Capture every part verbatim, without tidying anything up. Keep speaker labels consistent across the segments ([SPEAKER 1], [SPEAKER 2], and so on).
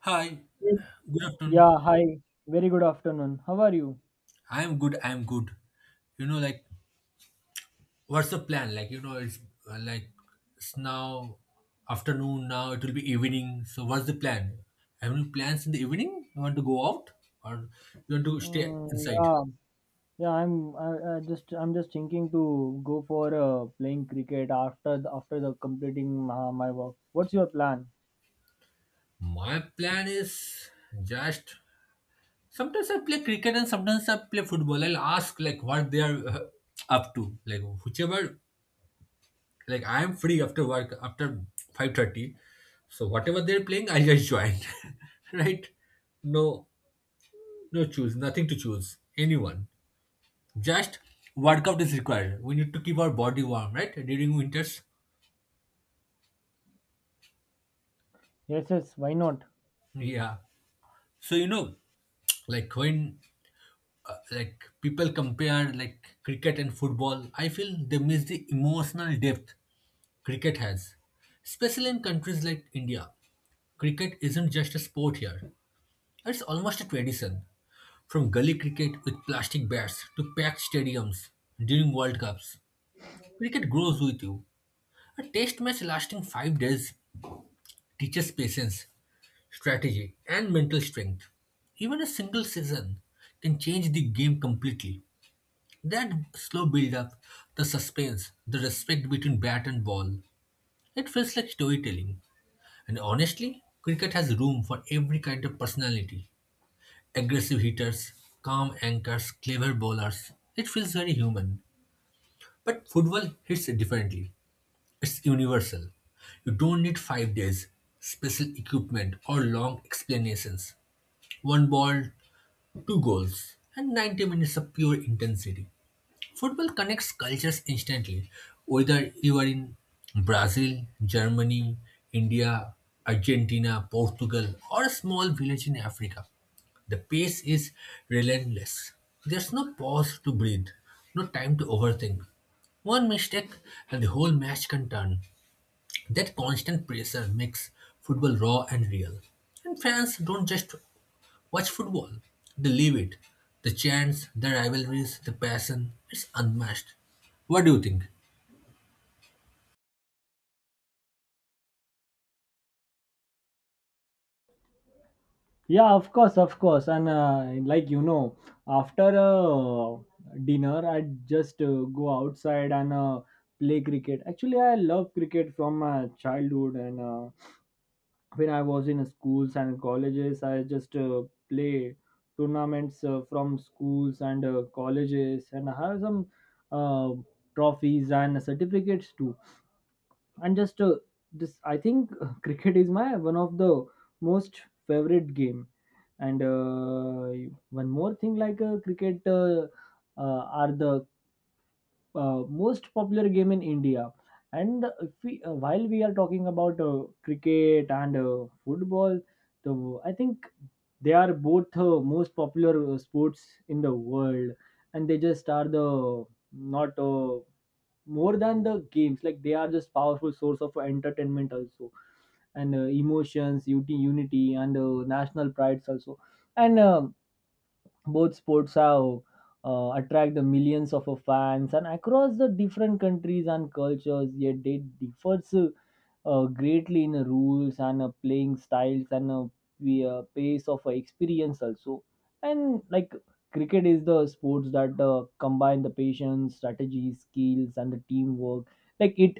[SPEAKER 1] Hi,
[SPEAKER 2] Yes.
[SPEAKER 1] good afternoon.
[SPEAKER 2] Yeah, hi. Very good afternoon. How are you?
[SPEAKER 1] I'm good. I'm good. You know, like, what's the plan? Like, you know, it's uh, like it's now afternoon. Now it will be evening. So, what's the plan? Have any plans in the evening? You want to go out or you want to stay
[SPEAKER 2] Mm,
[SPEAKER 1] inside?
[SPEAKER 2] yeah, yeah. I'm. I, I just. I'm just thinking to go for uh, playing cricket after the, after the completing my, my work. What's your plan?
[SPEAKER 1] My plan is just sometimes I play cricket and sometimes I play football. I'll ask like what they are uh, up to. Like whichever Like I am free after work after five thirty. So whatever they're playing, I just join. Right? No, no choose, nothing to choose. Anyone. Just workout is required. We need to keep our body warm, right? During winters.
[SPEAKER 2] Yes, yes. Why not?
[SPEAKER 1] Yeah. So, you know, like when uh, like people compare like cricket and football, I feel they miss the emotional depth cricket has. Especially in countries like India. Cricket isn't just a sport here. It's almost a tradition. From gully cricket with plastic bats to packed stadiums during World Cups, cricket grows with you. A test match lasting five days teaches patience, strategy, and mental strength. Even a single season can change the game completely. That slow build up, the suspense, the respect between bat and ball, it feels like storytelling. And honestly, cricket has room for every kind of personality: aggressive hitters, calm anchors, clever bowlers. It feels very human. But football hits differently. It's universal. You don't need five days, special equipment, or long explanations. One ball, two goals, and ninety minutes of pure intensity. Football connects cultures instantly, whether you are in Brazil, Germany, India, Argentina, Portugal, or a small village in Africa. The pace is relentless. There's no pause to breathe, no time to overthink. One mistake and the whole match can turn. That constant pressure makes football raw and real. And fans don't just watch football, they live it. The chants, the rivalries, the passion, it's unmatched. What do you think?
[SPEAKER 2] Yeah, of course, of course. And uh, like you know, after uh, dinner, I just uh, go outside and uh, play cricket. Actually, I love cricket from my childhood, and uh, when I was in schools and colleges, I just uh, play tournaments uh, from schools and uh, colleges, and I have some uh, trophies and certificates too. And just uh, this, I think uh, cricket is my one of the most favorite game. And uh, one more thing, like uh, cricket uh, uh, are the uh, most popular game in India. And if we, uh, while we are talking about uh, cricket and uh, football, the I think they are both uh, most popular uh, sports in the world, and they just are the not uh, more than the games. Like they are just powerful source of entertainment also, and uh, emotions, ut- unity, and uh, national prides also. And uh, both sports have uh, attract the millions of uh, fans and across the different countries and cultures, yet they differs uh, uh, greatly in rules and uh, playing styles and uh, the uh, pace of uh, experience also. And like cricket is the sports that uh, combine the patience strategy skills and the teamwork. like it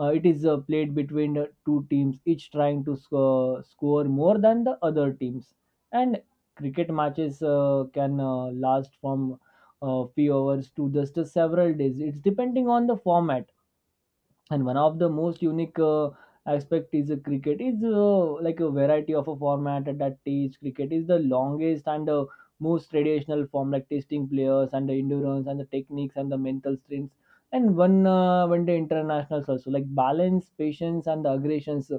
[SPEAKER 2] uh, it is uh, played between uh, two teams, each trying to score, score more than the other teams. And cricket matches uh, can uh, last from uh, few hours to just uh, several days. It's depending on the format. And one of the most unique uh, aspect is uh, cricket is uh, like a variety of a format that teach cricket is the longest and uh, most traditional form, like testing players and the endurance and the techniques and the mental strengths. And one uh, one the internationals also like balance patience and the aggressions,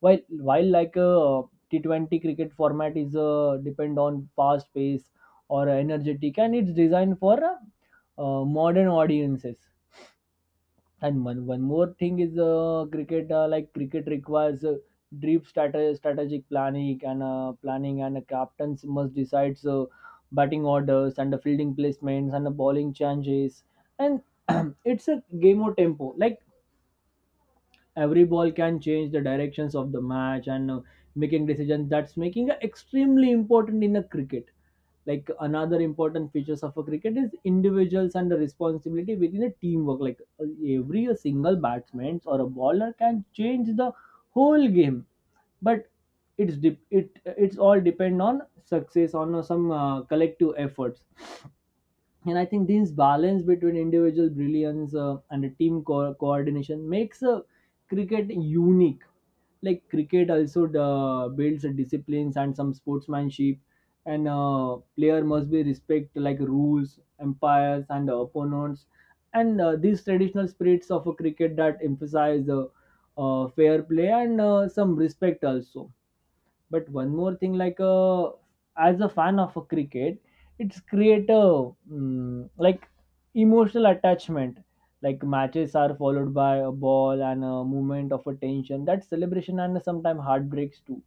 [SPEAKER 2] while while like a T twenty cricket format is uh, depend on fast pace or energetic, and it's designed for uh, uh, modern audiences. And one one more thing is uh, cricket. Uh, like cricket requires uh, deep strate- strategic planning and uh, planning, and uh, captains must decide uh, batting orders and the fielding placements and the bowling changes. And it's a game of tempo. Like every ball can change the directions of the match and uh, making decisions. That's making uh, extremely important in a cricket. Like another important features of a cricket is individuals and the responsibility within a teamwork, like uh, every a single batsman or a bowler can change the whole game. But it's dep it it's all depend on success on uh, some uh, collective efforts. And I think this balance between individual brilliance uh, and a team co- coordination makes uh, cricket unique. Like cricket also uh, builds disciplines and some sportsmanship. And uh, player must be respect like rules, umpires, and opponents. And uh, these traditional spirits of a cricket that emphasize uh, uh, fair play and uh, some respect also. But one more thing, like uh, as a fan of a cricket, it's create a mm, like emotional attachment. Like matches are followed by a ball and a movement of a tension. That celebration and sometimes heartbreaks too.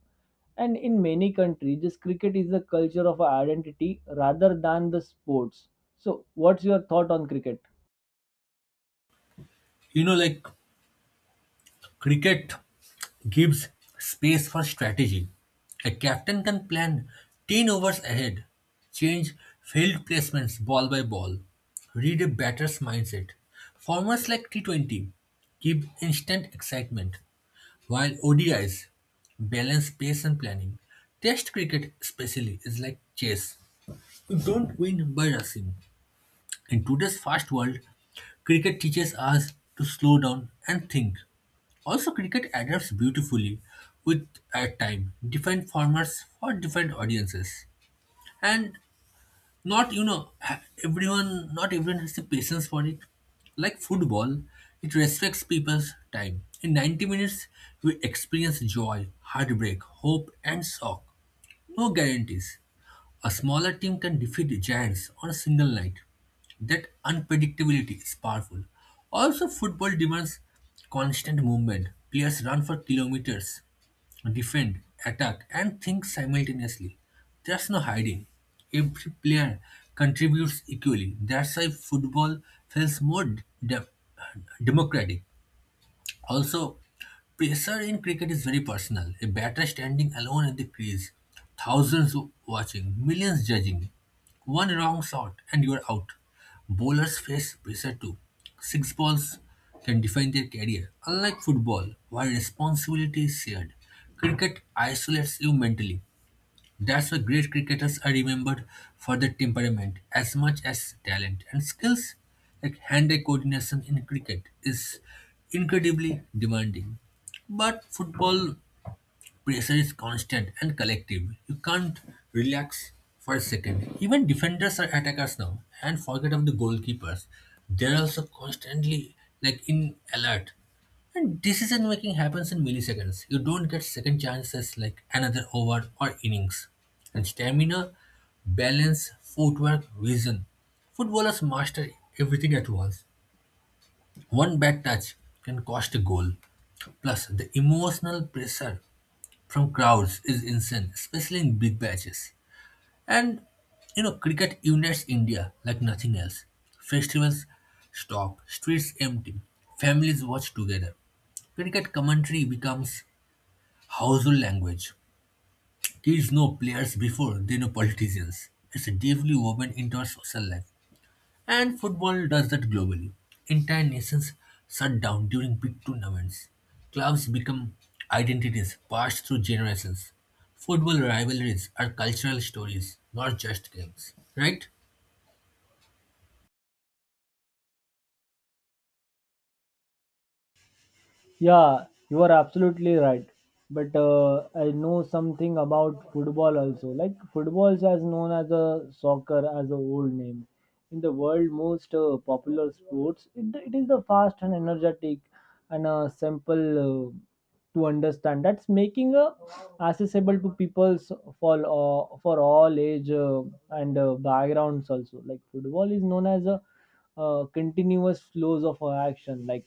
[SPEAKER 2] And in many countries, this cricket is a culture of identity rather than the sports. So, what's your thought on cricket?
[SPEAKER 1] You know, like cricket gives space for strategy. A captain can plan ten overs ahead, change field placements ball by ball, read a batter's mindset. Formats like T twenty give instant excitement, while O D Is balance pace and planning. Test cricket, especially, is like chess. You don't win by rushing. In today's fast world, cricket teaches us to slow down and think. Also, cricket adapts beautifully with at time different formats for different audiences, and not you know ha- everyone not everyone has the patience for it. Like football, it respects people's time. In ninety minutes, we experience joy, heartbreak, hope, and shock. No guarantees. A smaller team can defeat giants on a single night. That unpredictability is powerful. Also, football demands constant movement. Players run for kilometers, defend, attack, and think simultaneously. There's no hiding. Every player contributes equally. That's why football feels more de- democratic. Also, pressure in cricket is very personal. A batter standing alone at the crease, thousands w- watching, millions judging. One wrong shot and you are out. Bowlers face pressure too. Six balls can define their career. Unlike football, where responsibility is shared, cricket isolates you mentally. That's why great cricketers are remembered for their temperament as much as talent and skills. Like hand-eye coordination in cricket is incredibly demanding. But football pressure is constant and collective. You can't relax for a second. Even defenders are attackers now, and forget of the goalkeepers. They're also constantly like in alert. And decision making happens in milliseconds. You don't get second chances like another over or innings. And stamina, balance, footwork, vision. Footballers master everything at once. One bad touch can cost a goal. Plus, the emotional pressure from crowds is insane, especially in big batches. And you know, cricket unites India like nothing else. Festivals stop, streets empty, families watch together. Cricket commentary becomes household language. Kids know players before they know politicians. It's deeply woven into our social life. And football does that globally. Entire nations shut down during big tournaments. Clubs become identities passed through generations. Football rivalries are cultural stories, not just games. Right?
[SPEAKER 2] Yeah, you are absolutely right. But uh, I know something about football also. Like football is as known as a soccer as a old name. In the world most uh, popular sports, it, it is the fast and energetic and uh, simple uh, to understand. That's making a accessible to people for uh, for all age uh, and uh, backgrounds also. Like football is known as a uh, continuous flows of uh, action, like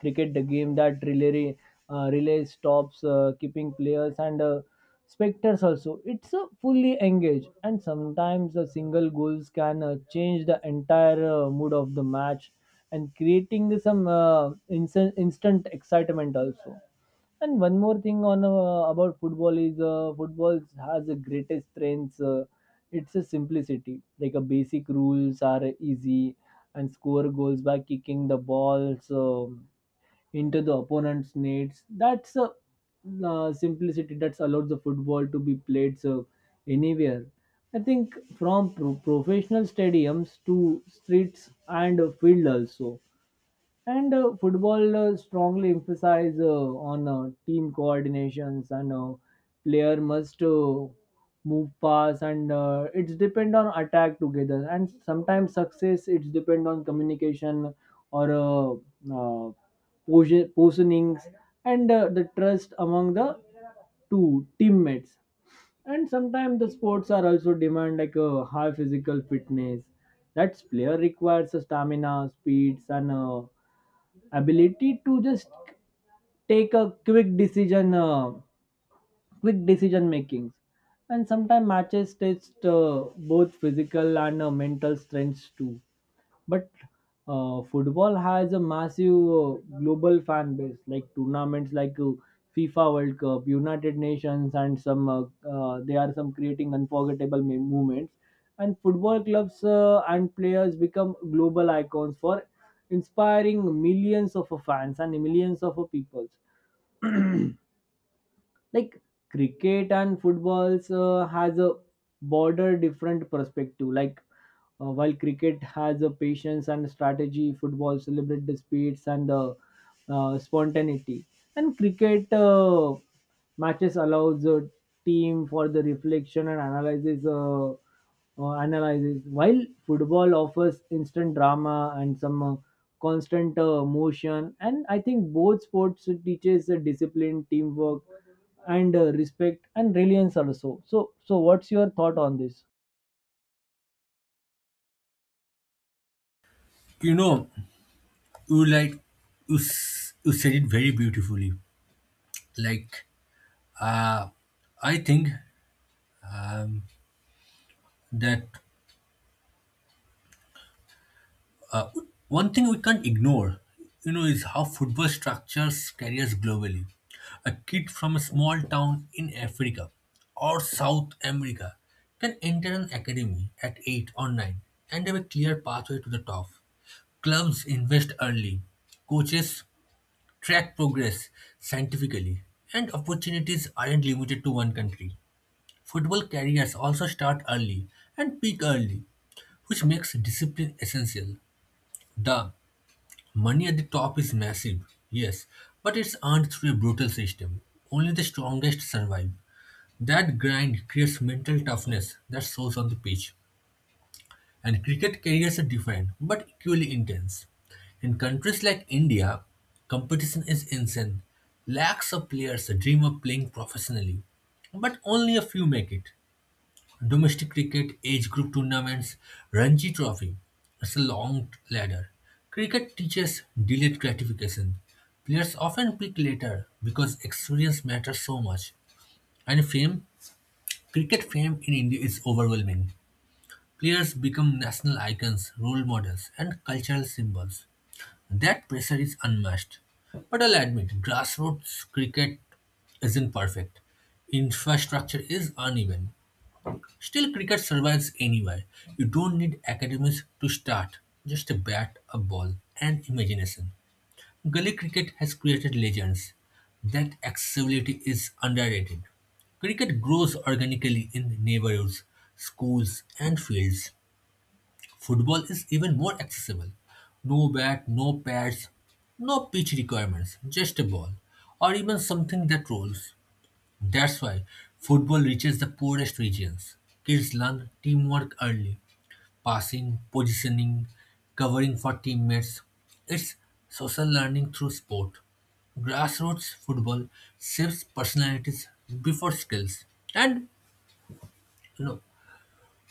[SPEAKER 2] cricket the game that relay uh, relay stops uh, keeping players and uh, spectators also. It's uh, fully engaged, and sometimes a single goals can uh, change the entire uh, mood of the match and creating some uh, instant, instant excitement also. And one more thing on uh, about football is uh, football has the greatest strengths. Uh, it's a simplicity. Like a basic rules are easy, and score goals by kicking the balls um into the opponent's nets. That's a uh, simplicity that's allowed the football to be played so anywhere. I think from pro- professional stadiums to streets and a field also. And uh, football uh, strongly emphasize uh, on uh, team coordinations, and uh, player must uh, move pass, and uh, it's depend on attack together, and sometimes success it's depend on communication or uh, uh, posi- positionings and uh, the trust among the two teammates. And sometimes the sports are also demand like a high physical fitness. That's player requires a stamina speeds and uh, ability to just take a quick decision, uh, quick decision makings. And sometimes matches test uh, both physical and uh, mental strengths too. But uh, football has a massive uh, global fan base, like tournaments like uh, FIFA World Cup, United Nations, and some uh, uh, they are some creating unforgettable mem- moments. And football clubs uh, and players become global icons for inspiring millions of uh, fans and millions of uh, people. Like cricket and footballs uh, has a border different perspective. Like uh, while cricket has a patience and strategy, football celebrate the speeds and the uh, spontaneity. And cricket uh, matches allows a team for the reflection and analysis uh, uh, analysis, while football offers instant drama and some uh, constant uh, motion. And I think both sports teaches a discipline teamwork and uh, respect and reliance also. So, so what's your thought on this?
[SPEAKER 1] You know, you like you, s- you said it very beautifully. Like, I think that one thing we can't ignore, you know, is how football structures careers globally. A kid from a small town in Africa or South America can enter an academy at eight or nine and have a clear pathway to the top. Clubs invest early, coaches track progress scientifically, and opportunities aren't limited to one country. Football careers also start early and peak early, which makes discipline essential. The money at the top is massive, yes, but it's earned through a brutal system. Only the strongest survive. That grind creates mental toughness that shows on the pitch. And cricket careers are different, but equally intense. In countries like India, competition is insane. Lakhs of players dream of playing professionally, but only a few make it. Domestic cricket age group tournaments, Ranji Trophy. It's a long ladder. Cricket teaches delayed gratification. Players often pick later because experience matters so much. And fame, cricket fame in India is overwhelming. Players become national icons, role models, and cultural symbols. That pressure is unmatched. But I'll admit, grassroots cricket isn't perfect. Infrastructure is uneven. Still, cricket survives anywhere. You don't need academies to start, just a bat, a ball, and imagination. Gully cricket has created legends. That accessibility is underrated. Cricket grows organically in neighborhoods, schools, and fields. Football is even more accessible. No bat, no pads, no pitch requirements, just a ball, or even something that rolls. That's why football reaches the poorest regions. Kids learn teamwork early, passing, positioning, covering for teammates. It's social learning through sport. Grassroots football shapes personalities before skills. And you know,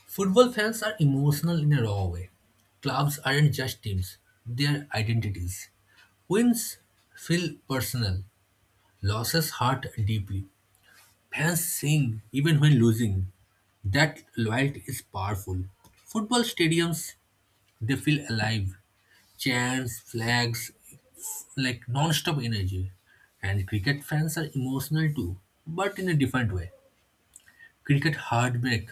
[SPEAKER 1] football fans are emotional in a raw way. Clubs aren't just teams, they are identities. Wins feel personal, losses hurt deeply. Fans sing even when losing. That loyalty is powerful. Football stadiums, they feel alive. Chants, flags, like non-stop energy. And cricket fans are emotional too, but in a different way. Cricket heartbreak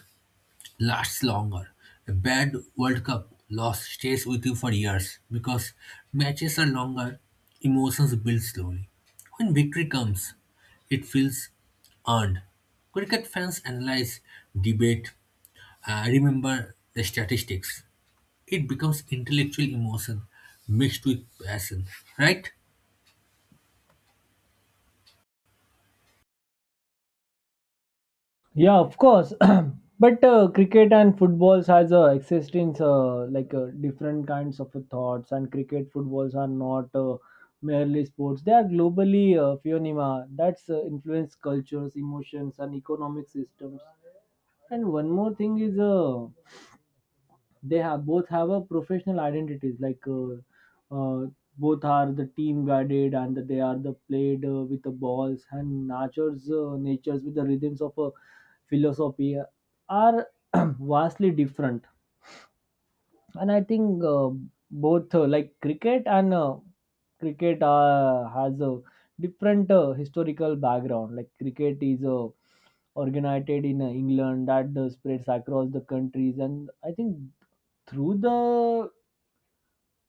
[SPEAKER 1] lasts longer. A bad World Cup loss stays with you for years because matches are longer, emotions build slowly. When victory comes, it feels earned. Cricket fans analyze, debate, uh, remember the statistics. It becomes intellectual emotion mixed with passion, right?
[SPEAKER 2] Yeah, of course. But uh, cricket and footballs has uh, existence uh, like uh, different kinds of thoughts. And cricket footballs are not uh, merely sports. They are globally uh, phenomena that's uh, influence cultures, emotions, and economic systems. And one more thing is uh, they have both have a professional identities, like uh, uh, both are the team guided, and they are the played uh, with the balls and natures uh, natures with the rhythms of a philosophy uh, are vastly different. And I think uh, both uh, like cricket and uh, cricket uh, has a different uh, historical background. Like cricket is uh, organized in uh, England that uh, spreads across the countries, and I think through the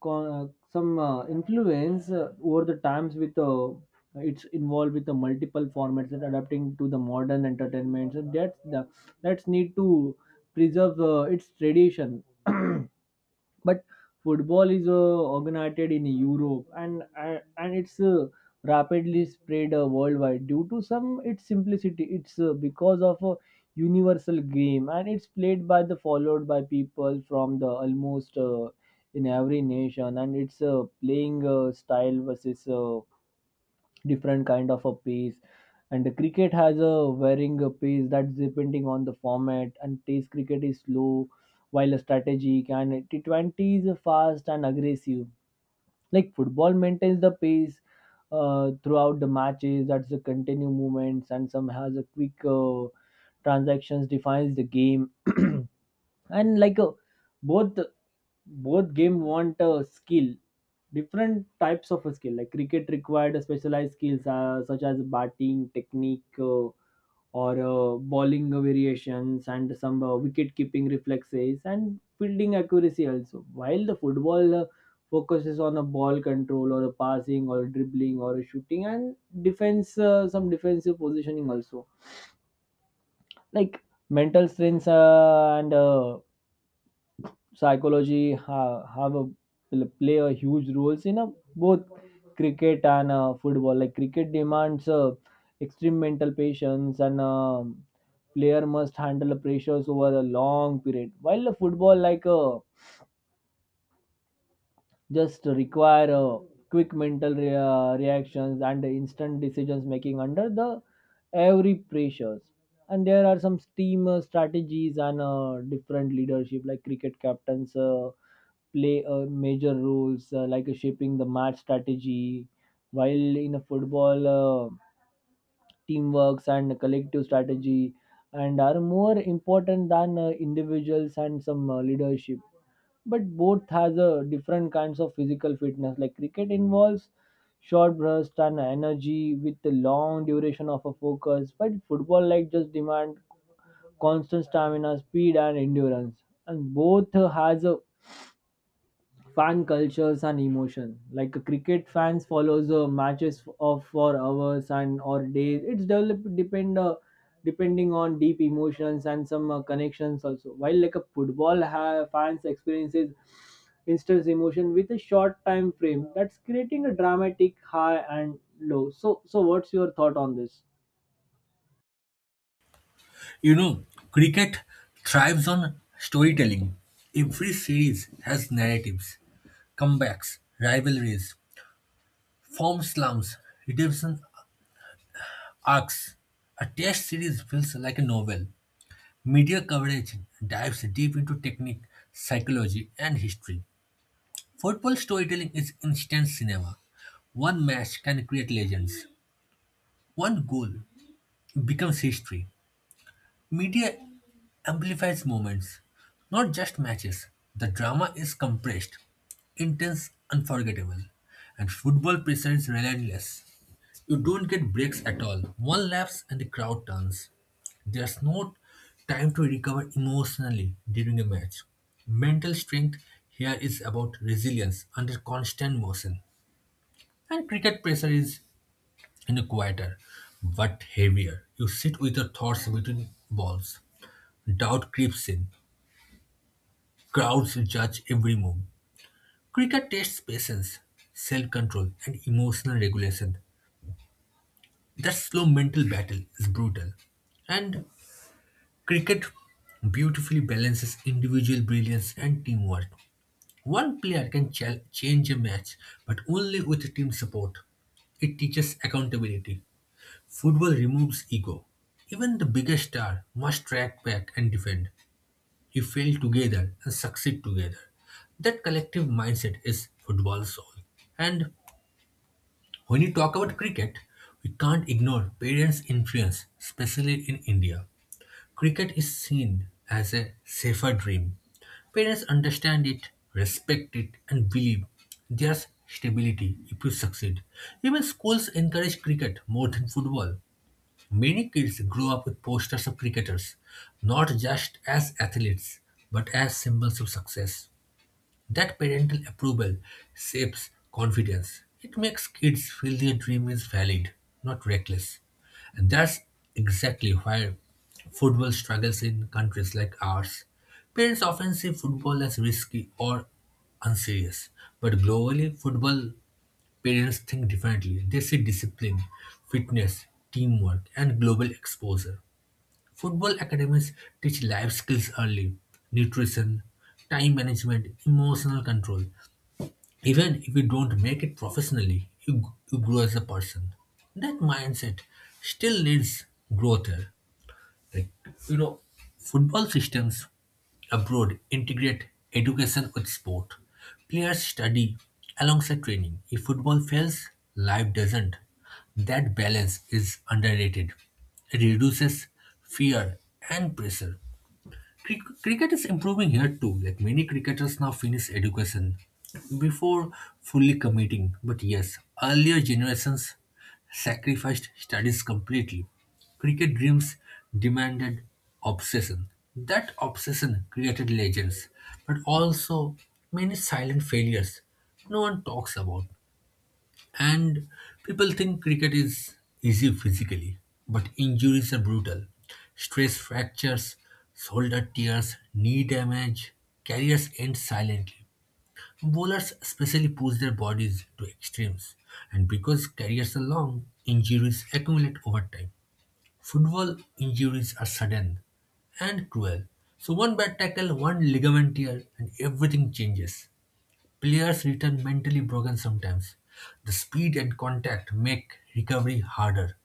[SPEAKER 2] co- uh, some uh, influence uh, over the times with uh, it's involved with the multiple formats and adapting to the modern entertainment. So that's the that's need to preserve uh, its tradition. But football is uh, organized in Europe, and uh, and it's uh, rapidly spread uh, worldwide due to some its simplicity. It's uh, because of a universal game, and it's played by the followed by people from the almost uh, in every nation. And it's uh, playing uh, style versus uh, different kind of a pace. And the cricket has a varying uh, pace that's depending on the format, and test cricket is slow while strategic, and T twenty is fast and aggressive. Like football maintains the pace uh, throughout the matches. That's the continue movements, and some has a quick uh, transactions defines the game. And like uh, both both game want a skill, different types of a skill. Like cricket required a specialized skills uh, such as batting technique uh, or uh, bowling variations and some uh, wicket keeping reflexes and fielding accuracy also, while the football uh, focuses on a ball control or a passing or dribbling or a shooting and defense, uh, some defensive positioning also. Like mental strengths uh, and uh, psychology ha- have a will play a huge roles in a, both cricket and uh, football. Like cricket demands uh, extreme mental patience, and um player must handle the pressures over a long period, while the football like uh, just require uh, quick mental re- uh, reactions and instant decisions making under the every pressures. And there are some team uh, strategies and uh, different leadership. Like cricket captains uh, play uh, major roles uh, like uh, shaping the match strategy, while in a football uh, teamworks and collective strategy and are more important than uh, individuals and some uh, leadership. But both has a different kinds of physical fitness. Like cricket involves short burst and energy with the long duration of a focus, but football like just demand constant stamina, speed, and endurance. And both has a fan cultures and emotion. Like a cricket fans follows uh, matches f- of for hours and or days. It's developed depend uh, depending on deep emotions and some uh, connections also, while like a football ha- fans experiences instant emotion with a short time frame. That's creating a dramatic high and low. So, so what's your thought on this?
[SPEAKER 1] You know, Cricket thrives on storytelling. Every series has narratives, comebacks, rivalries, form slumps, redemption arcs. A test series feels like a novel. Media coverage dives deep into technique, psychology, and history. Football storytelling is instant cinema. One match can create legends. One goal becomes history. Media amplifies moments, not just matches. The drama is compressed, intense, unforgettable, and football pressure is relentless. You don't get breaks at all. One lapse and the crowd turns. There's no time to recover emotionally during a match. Mental strength here is about resilience under constant motion. And cricket pressure is, you know, quieter but heavier. You sit with your thoughts between balls. Doubt creeps in. Crowds judge every move. Cricket tests patience, self control, and emotional regulation. That slow mental battle is brutal. And cricket beautifully balances individual brilliance and teamwork. One player can ch- change a match, but only with team support. It teaches accountability. Football removes ego. Even the biggest star must track back and defend. You fail together and succeed together. That collective mindset is football's soul. And when you talk about cricket, we can't ignore parents' influence, especially in India. Cricket is seen as a safer dream. Parents understand it, respect it, and believe there's stability if you succeed. Even schools encourage cricket more than football. Many kids grow up with posters of cricketers, not just as athletes, but as symbols of success. That parental approval shapes confidence. It makes kids feel their dream is valid, not reckless. And that's exactly why football struggles in countries like ours. Parents often see football as risky or unserious. But globally, football parents think differently. They see discipline, fitness, teamwork, and global exposure. Football academies teach life skills early, nutrition, time management, emotional control. Even if you don't make it professionally, you, g- you grow as a person. That mindset still needs growth here. Like, you know, football systems abroad integrate education with sport. Players study alongside training. If football fails, life doesn't. That balance is underrated. It reduces fear and pressure. Cric- cricket is improving here too. Like many cricketers now finish education before fully committing. But yes, earlier generations sacrificed studies completely. Cricket dreams demanded obsession. That obsession created legends, but also many silent failures no one talks about. And people think cricket is easy physically, but injuries are brutal. Stress fractures, shoulder tears, knee damage, careers end silently. Bowlers especially push their bodies to extremes, and because careers are long, injuries accumulate over time. Football injuries are sudden and cruel. So, one bad tackle, one ligament tear, and everything changes. Players return mentally broken sometimes. The speed and contact make recovery harder.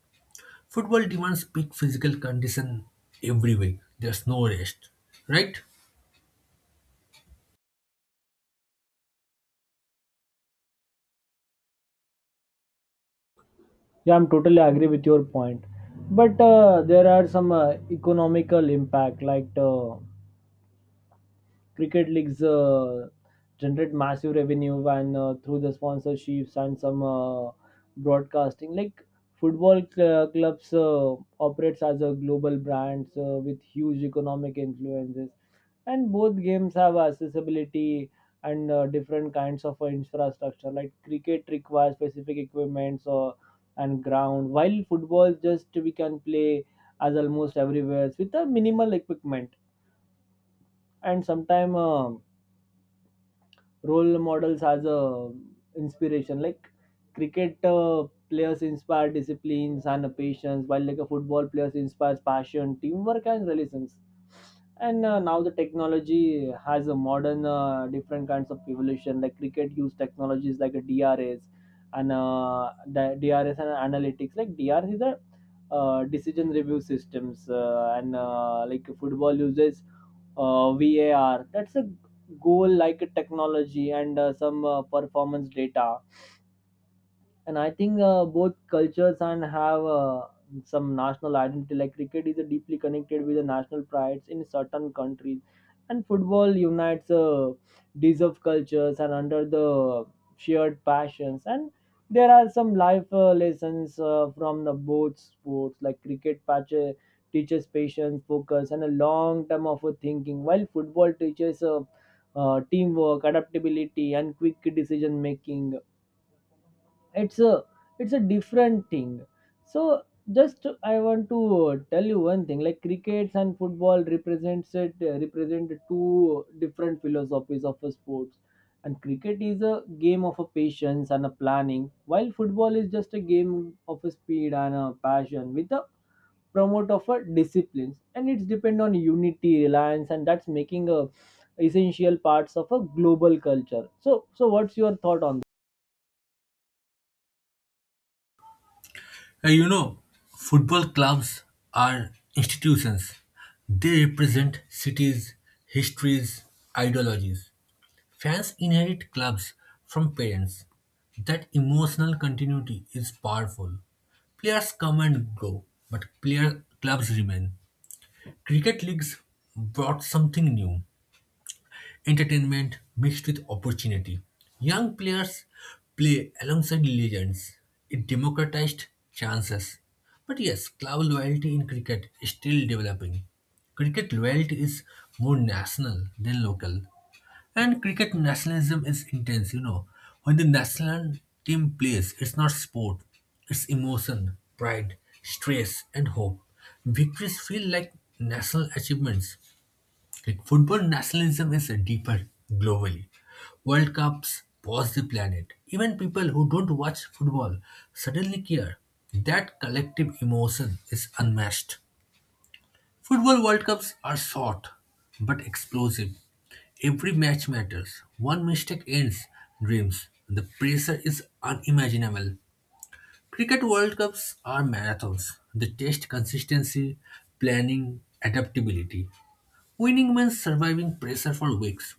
[SPEAKER 1] Football demands peak physical condition every week. There's no rest, right?
[SPEAKER 2] Yeah, I'm totally agree with your point. But uh, there are some uh, economical impact like. Uh, cricket leagues uh, generate massive revenue and uh, through the sponsorships and some uh, broadcasting, like football cl- clubs uh, operates as a global brands uh, with huge economic influences. And both games have accessibility and uh, different kinds of uh, infrastructure. Like cricket requires specific equipments or and ground, while football just we can play as almost everywhere with a minimal equipment. And sometimes role models as a inspiration. Like cricket uh, players inspire disciplines and patience, while like a football players inspires passion, teamwork, and resilience. And uh, now the technology has a modern uh, different kinds of evolution. Like cricket use technologies like a D R S and uh, the D R S and analytics. Like D R S is a uh, decision review systems uh, and uh, like football uses uh, V A R. That's a goal like technology and uh, some uh, performance data. And I think uh, both cultures and have uh, some national identity. Like cricket is uh, deeply connected with the national prides in certain countries, and football unites uh, deserved cultures and under the shared passions. And there are some life uh, lessons uh, from the both sports. Like cricket patch teaches patience, focus, and a long term of uh, thinking, while football teaches uh, uh, teamwork, adaptability, and quick decision making. it's a it's a different thing. So just I want to uh, tell you one thing. Like crickets and football represents it uh, represent two different philosophies of a sports. And cricket is a game of a patience and a planning, while football is just a game of a speed and a passion with a promote of a disciplines, and it's depend on unity reliance, and that's making a essential parts of a global culture. So, so what's your thought on?
[SPEAKER 1] Uh, you know, Football clubs are institutions. They represent cities, histories, ideologies. Fans inherit clubs from parents. That emotional continuity is powerful. Players come and go, but player clubs remain. Cricket leagues brought something new, entertainment mixed with opportunity. Young players play alongside legends. It democratized chances. But yes, club loyalty in cricket is still developing. Cricket loyalty is more national than local. And cricket nationalism is intense, you know. When the national team plays, it's not sport, it's emotion, pride, stress, and hope. Victories feel like national achievements. Like, football nationalism is deeper globally. World Cups pause the planet. Even people who don't watch football suddenly care. That collective emotion is unmatched. Football World Cups are short but explosive. Every match matters. One mistake ends dreams. The pressure is unimaginable. Cricket World Cups are marathons. They test consistency, planning, adaptability. Winning means surviving pressure for weeks.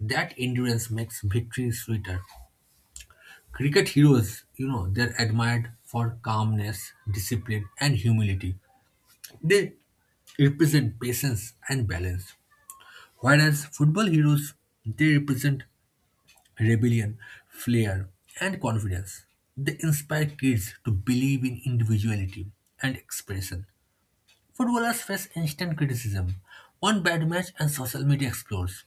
[SPEAKER 1] That endurance makes victory sweeter. Cricket heroes, you know, they're admired for calmness, discipline, and humility. They represent patience and balance. Whereas football heroes, they represent rebellion, flair, and confidence. They inspire kids to believe in individuality and expression. Footballers face instant criticism, one bad match, and social media explodes.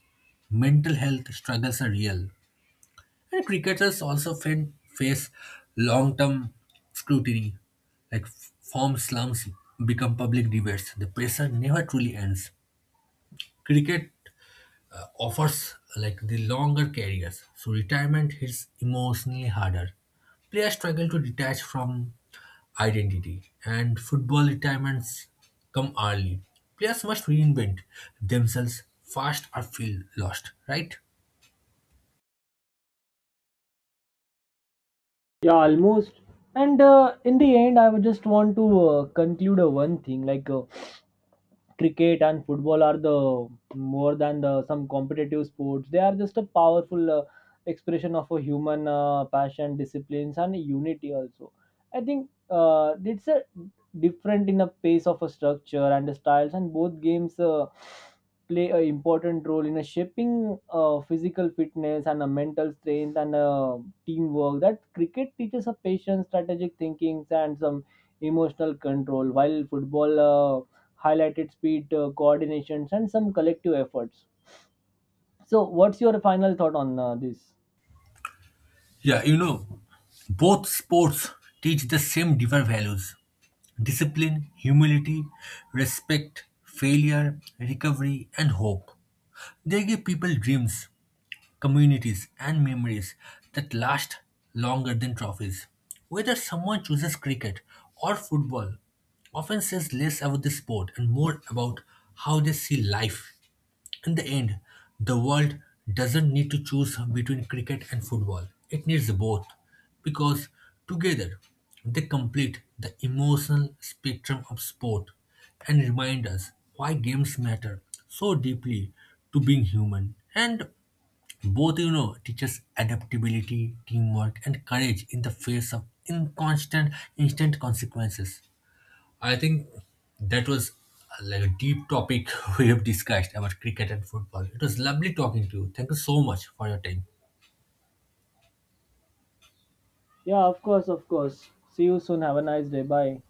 [SPEAKER 1] Mental health struggles are real. And cricketers also fa- face long term scrutiny, like f- form slums become public debates. The pressure never truly ends. Cricket uh, offers like the longer careers, so retirement hits emotionally harder. Players struggle to detach from identity, and football retirements come early. Players must reinvent themselves fast or feel lost, right?
[SPEAKER 2] Yeah, almost. And uh, in the end, I would just want to uh, conclude uh, one thing. Like, uh, cricket and football are the more than the some competitive sports. They are just a powerful uh, expression of a human uh, passion, disciplines, and unity also. I think uh, it's a different in a pace of a structure and the styles, and both games uh, play an important role in a shaping uh, physical fitness and a mental strength and uh, teamwork. That cricket teaches a patience, strategic thinking, and some emotional control, while football uh, highlighted speed, uh, coordinations, and some collective efforts. So, what's your final thought on uh, this?
[SPEAKER 1] Yeah, you know, both sports teach the same deeper values: discipline, humility, respect, failure, recovery, and hope. They give people dreams, communities, and memories that last longer than trophies. Whether someone chooses cricket or football often says less about the sport and more about how they see life. In the end, the world doesn't need to choose between cricket and football. It needs both because together they complete the emotional spectrum of sport and remind us why games matter so deeply to being human. And both, you know, teaches adaptability, teamwork, and courage in the face of inconstant, instant consequences. I think that was uh, like a deep topic we have discussed about cricket and football. It was lovely talking to you. Thank you so much for your time.
[SPEAKER 2] Yeah, of course, of course. See you soon. Have a nice day. Bye.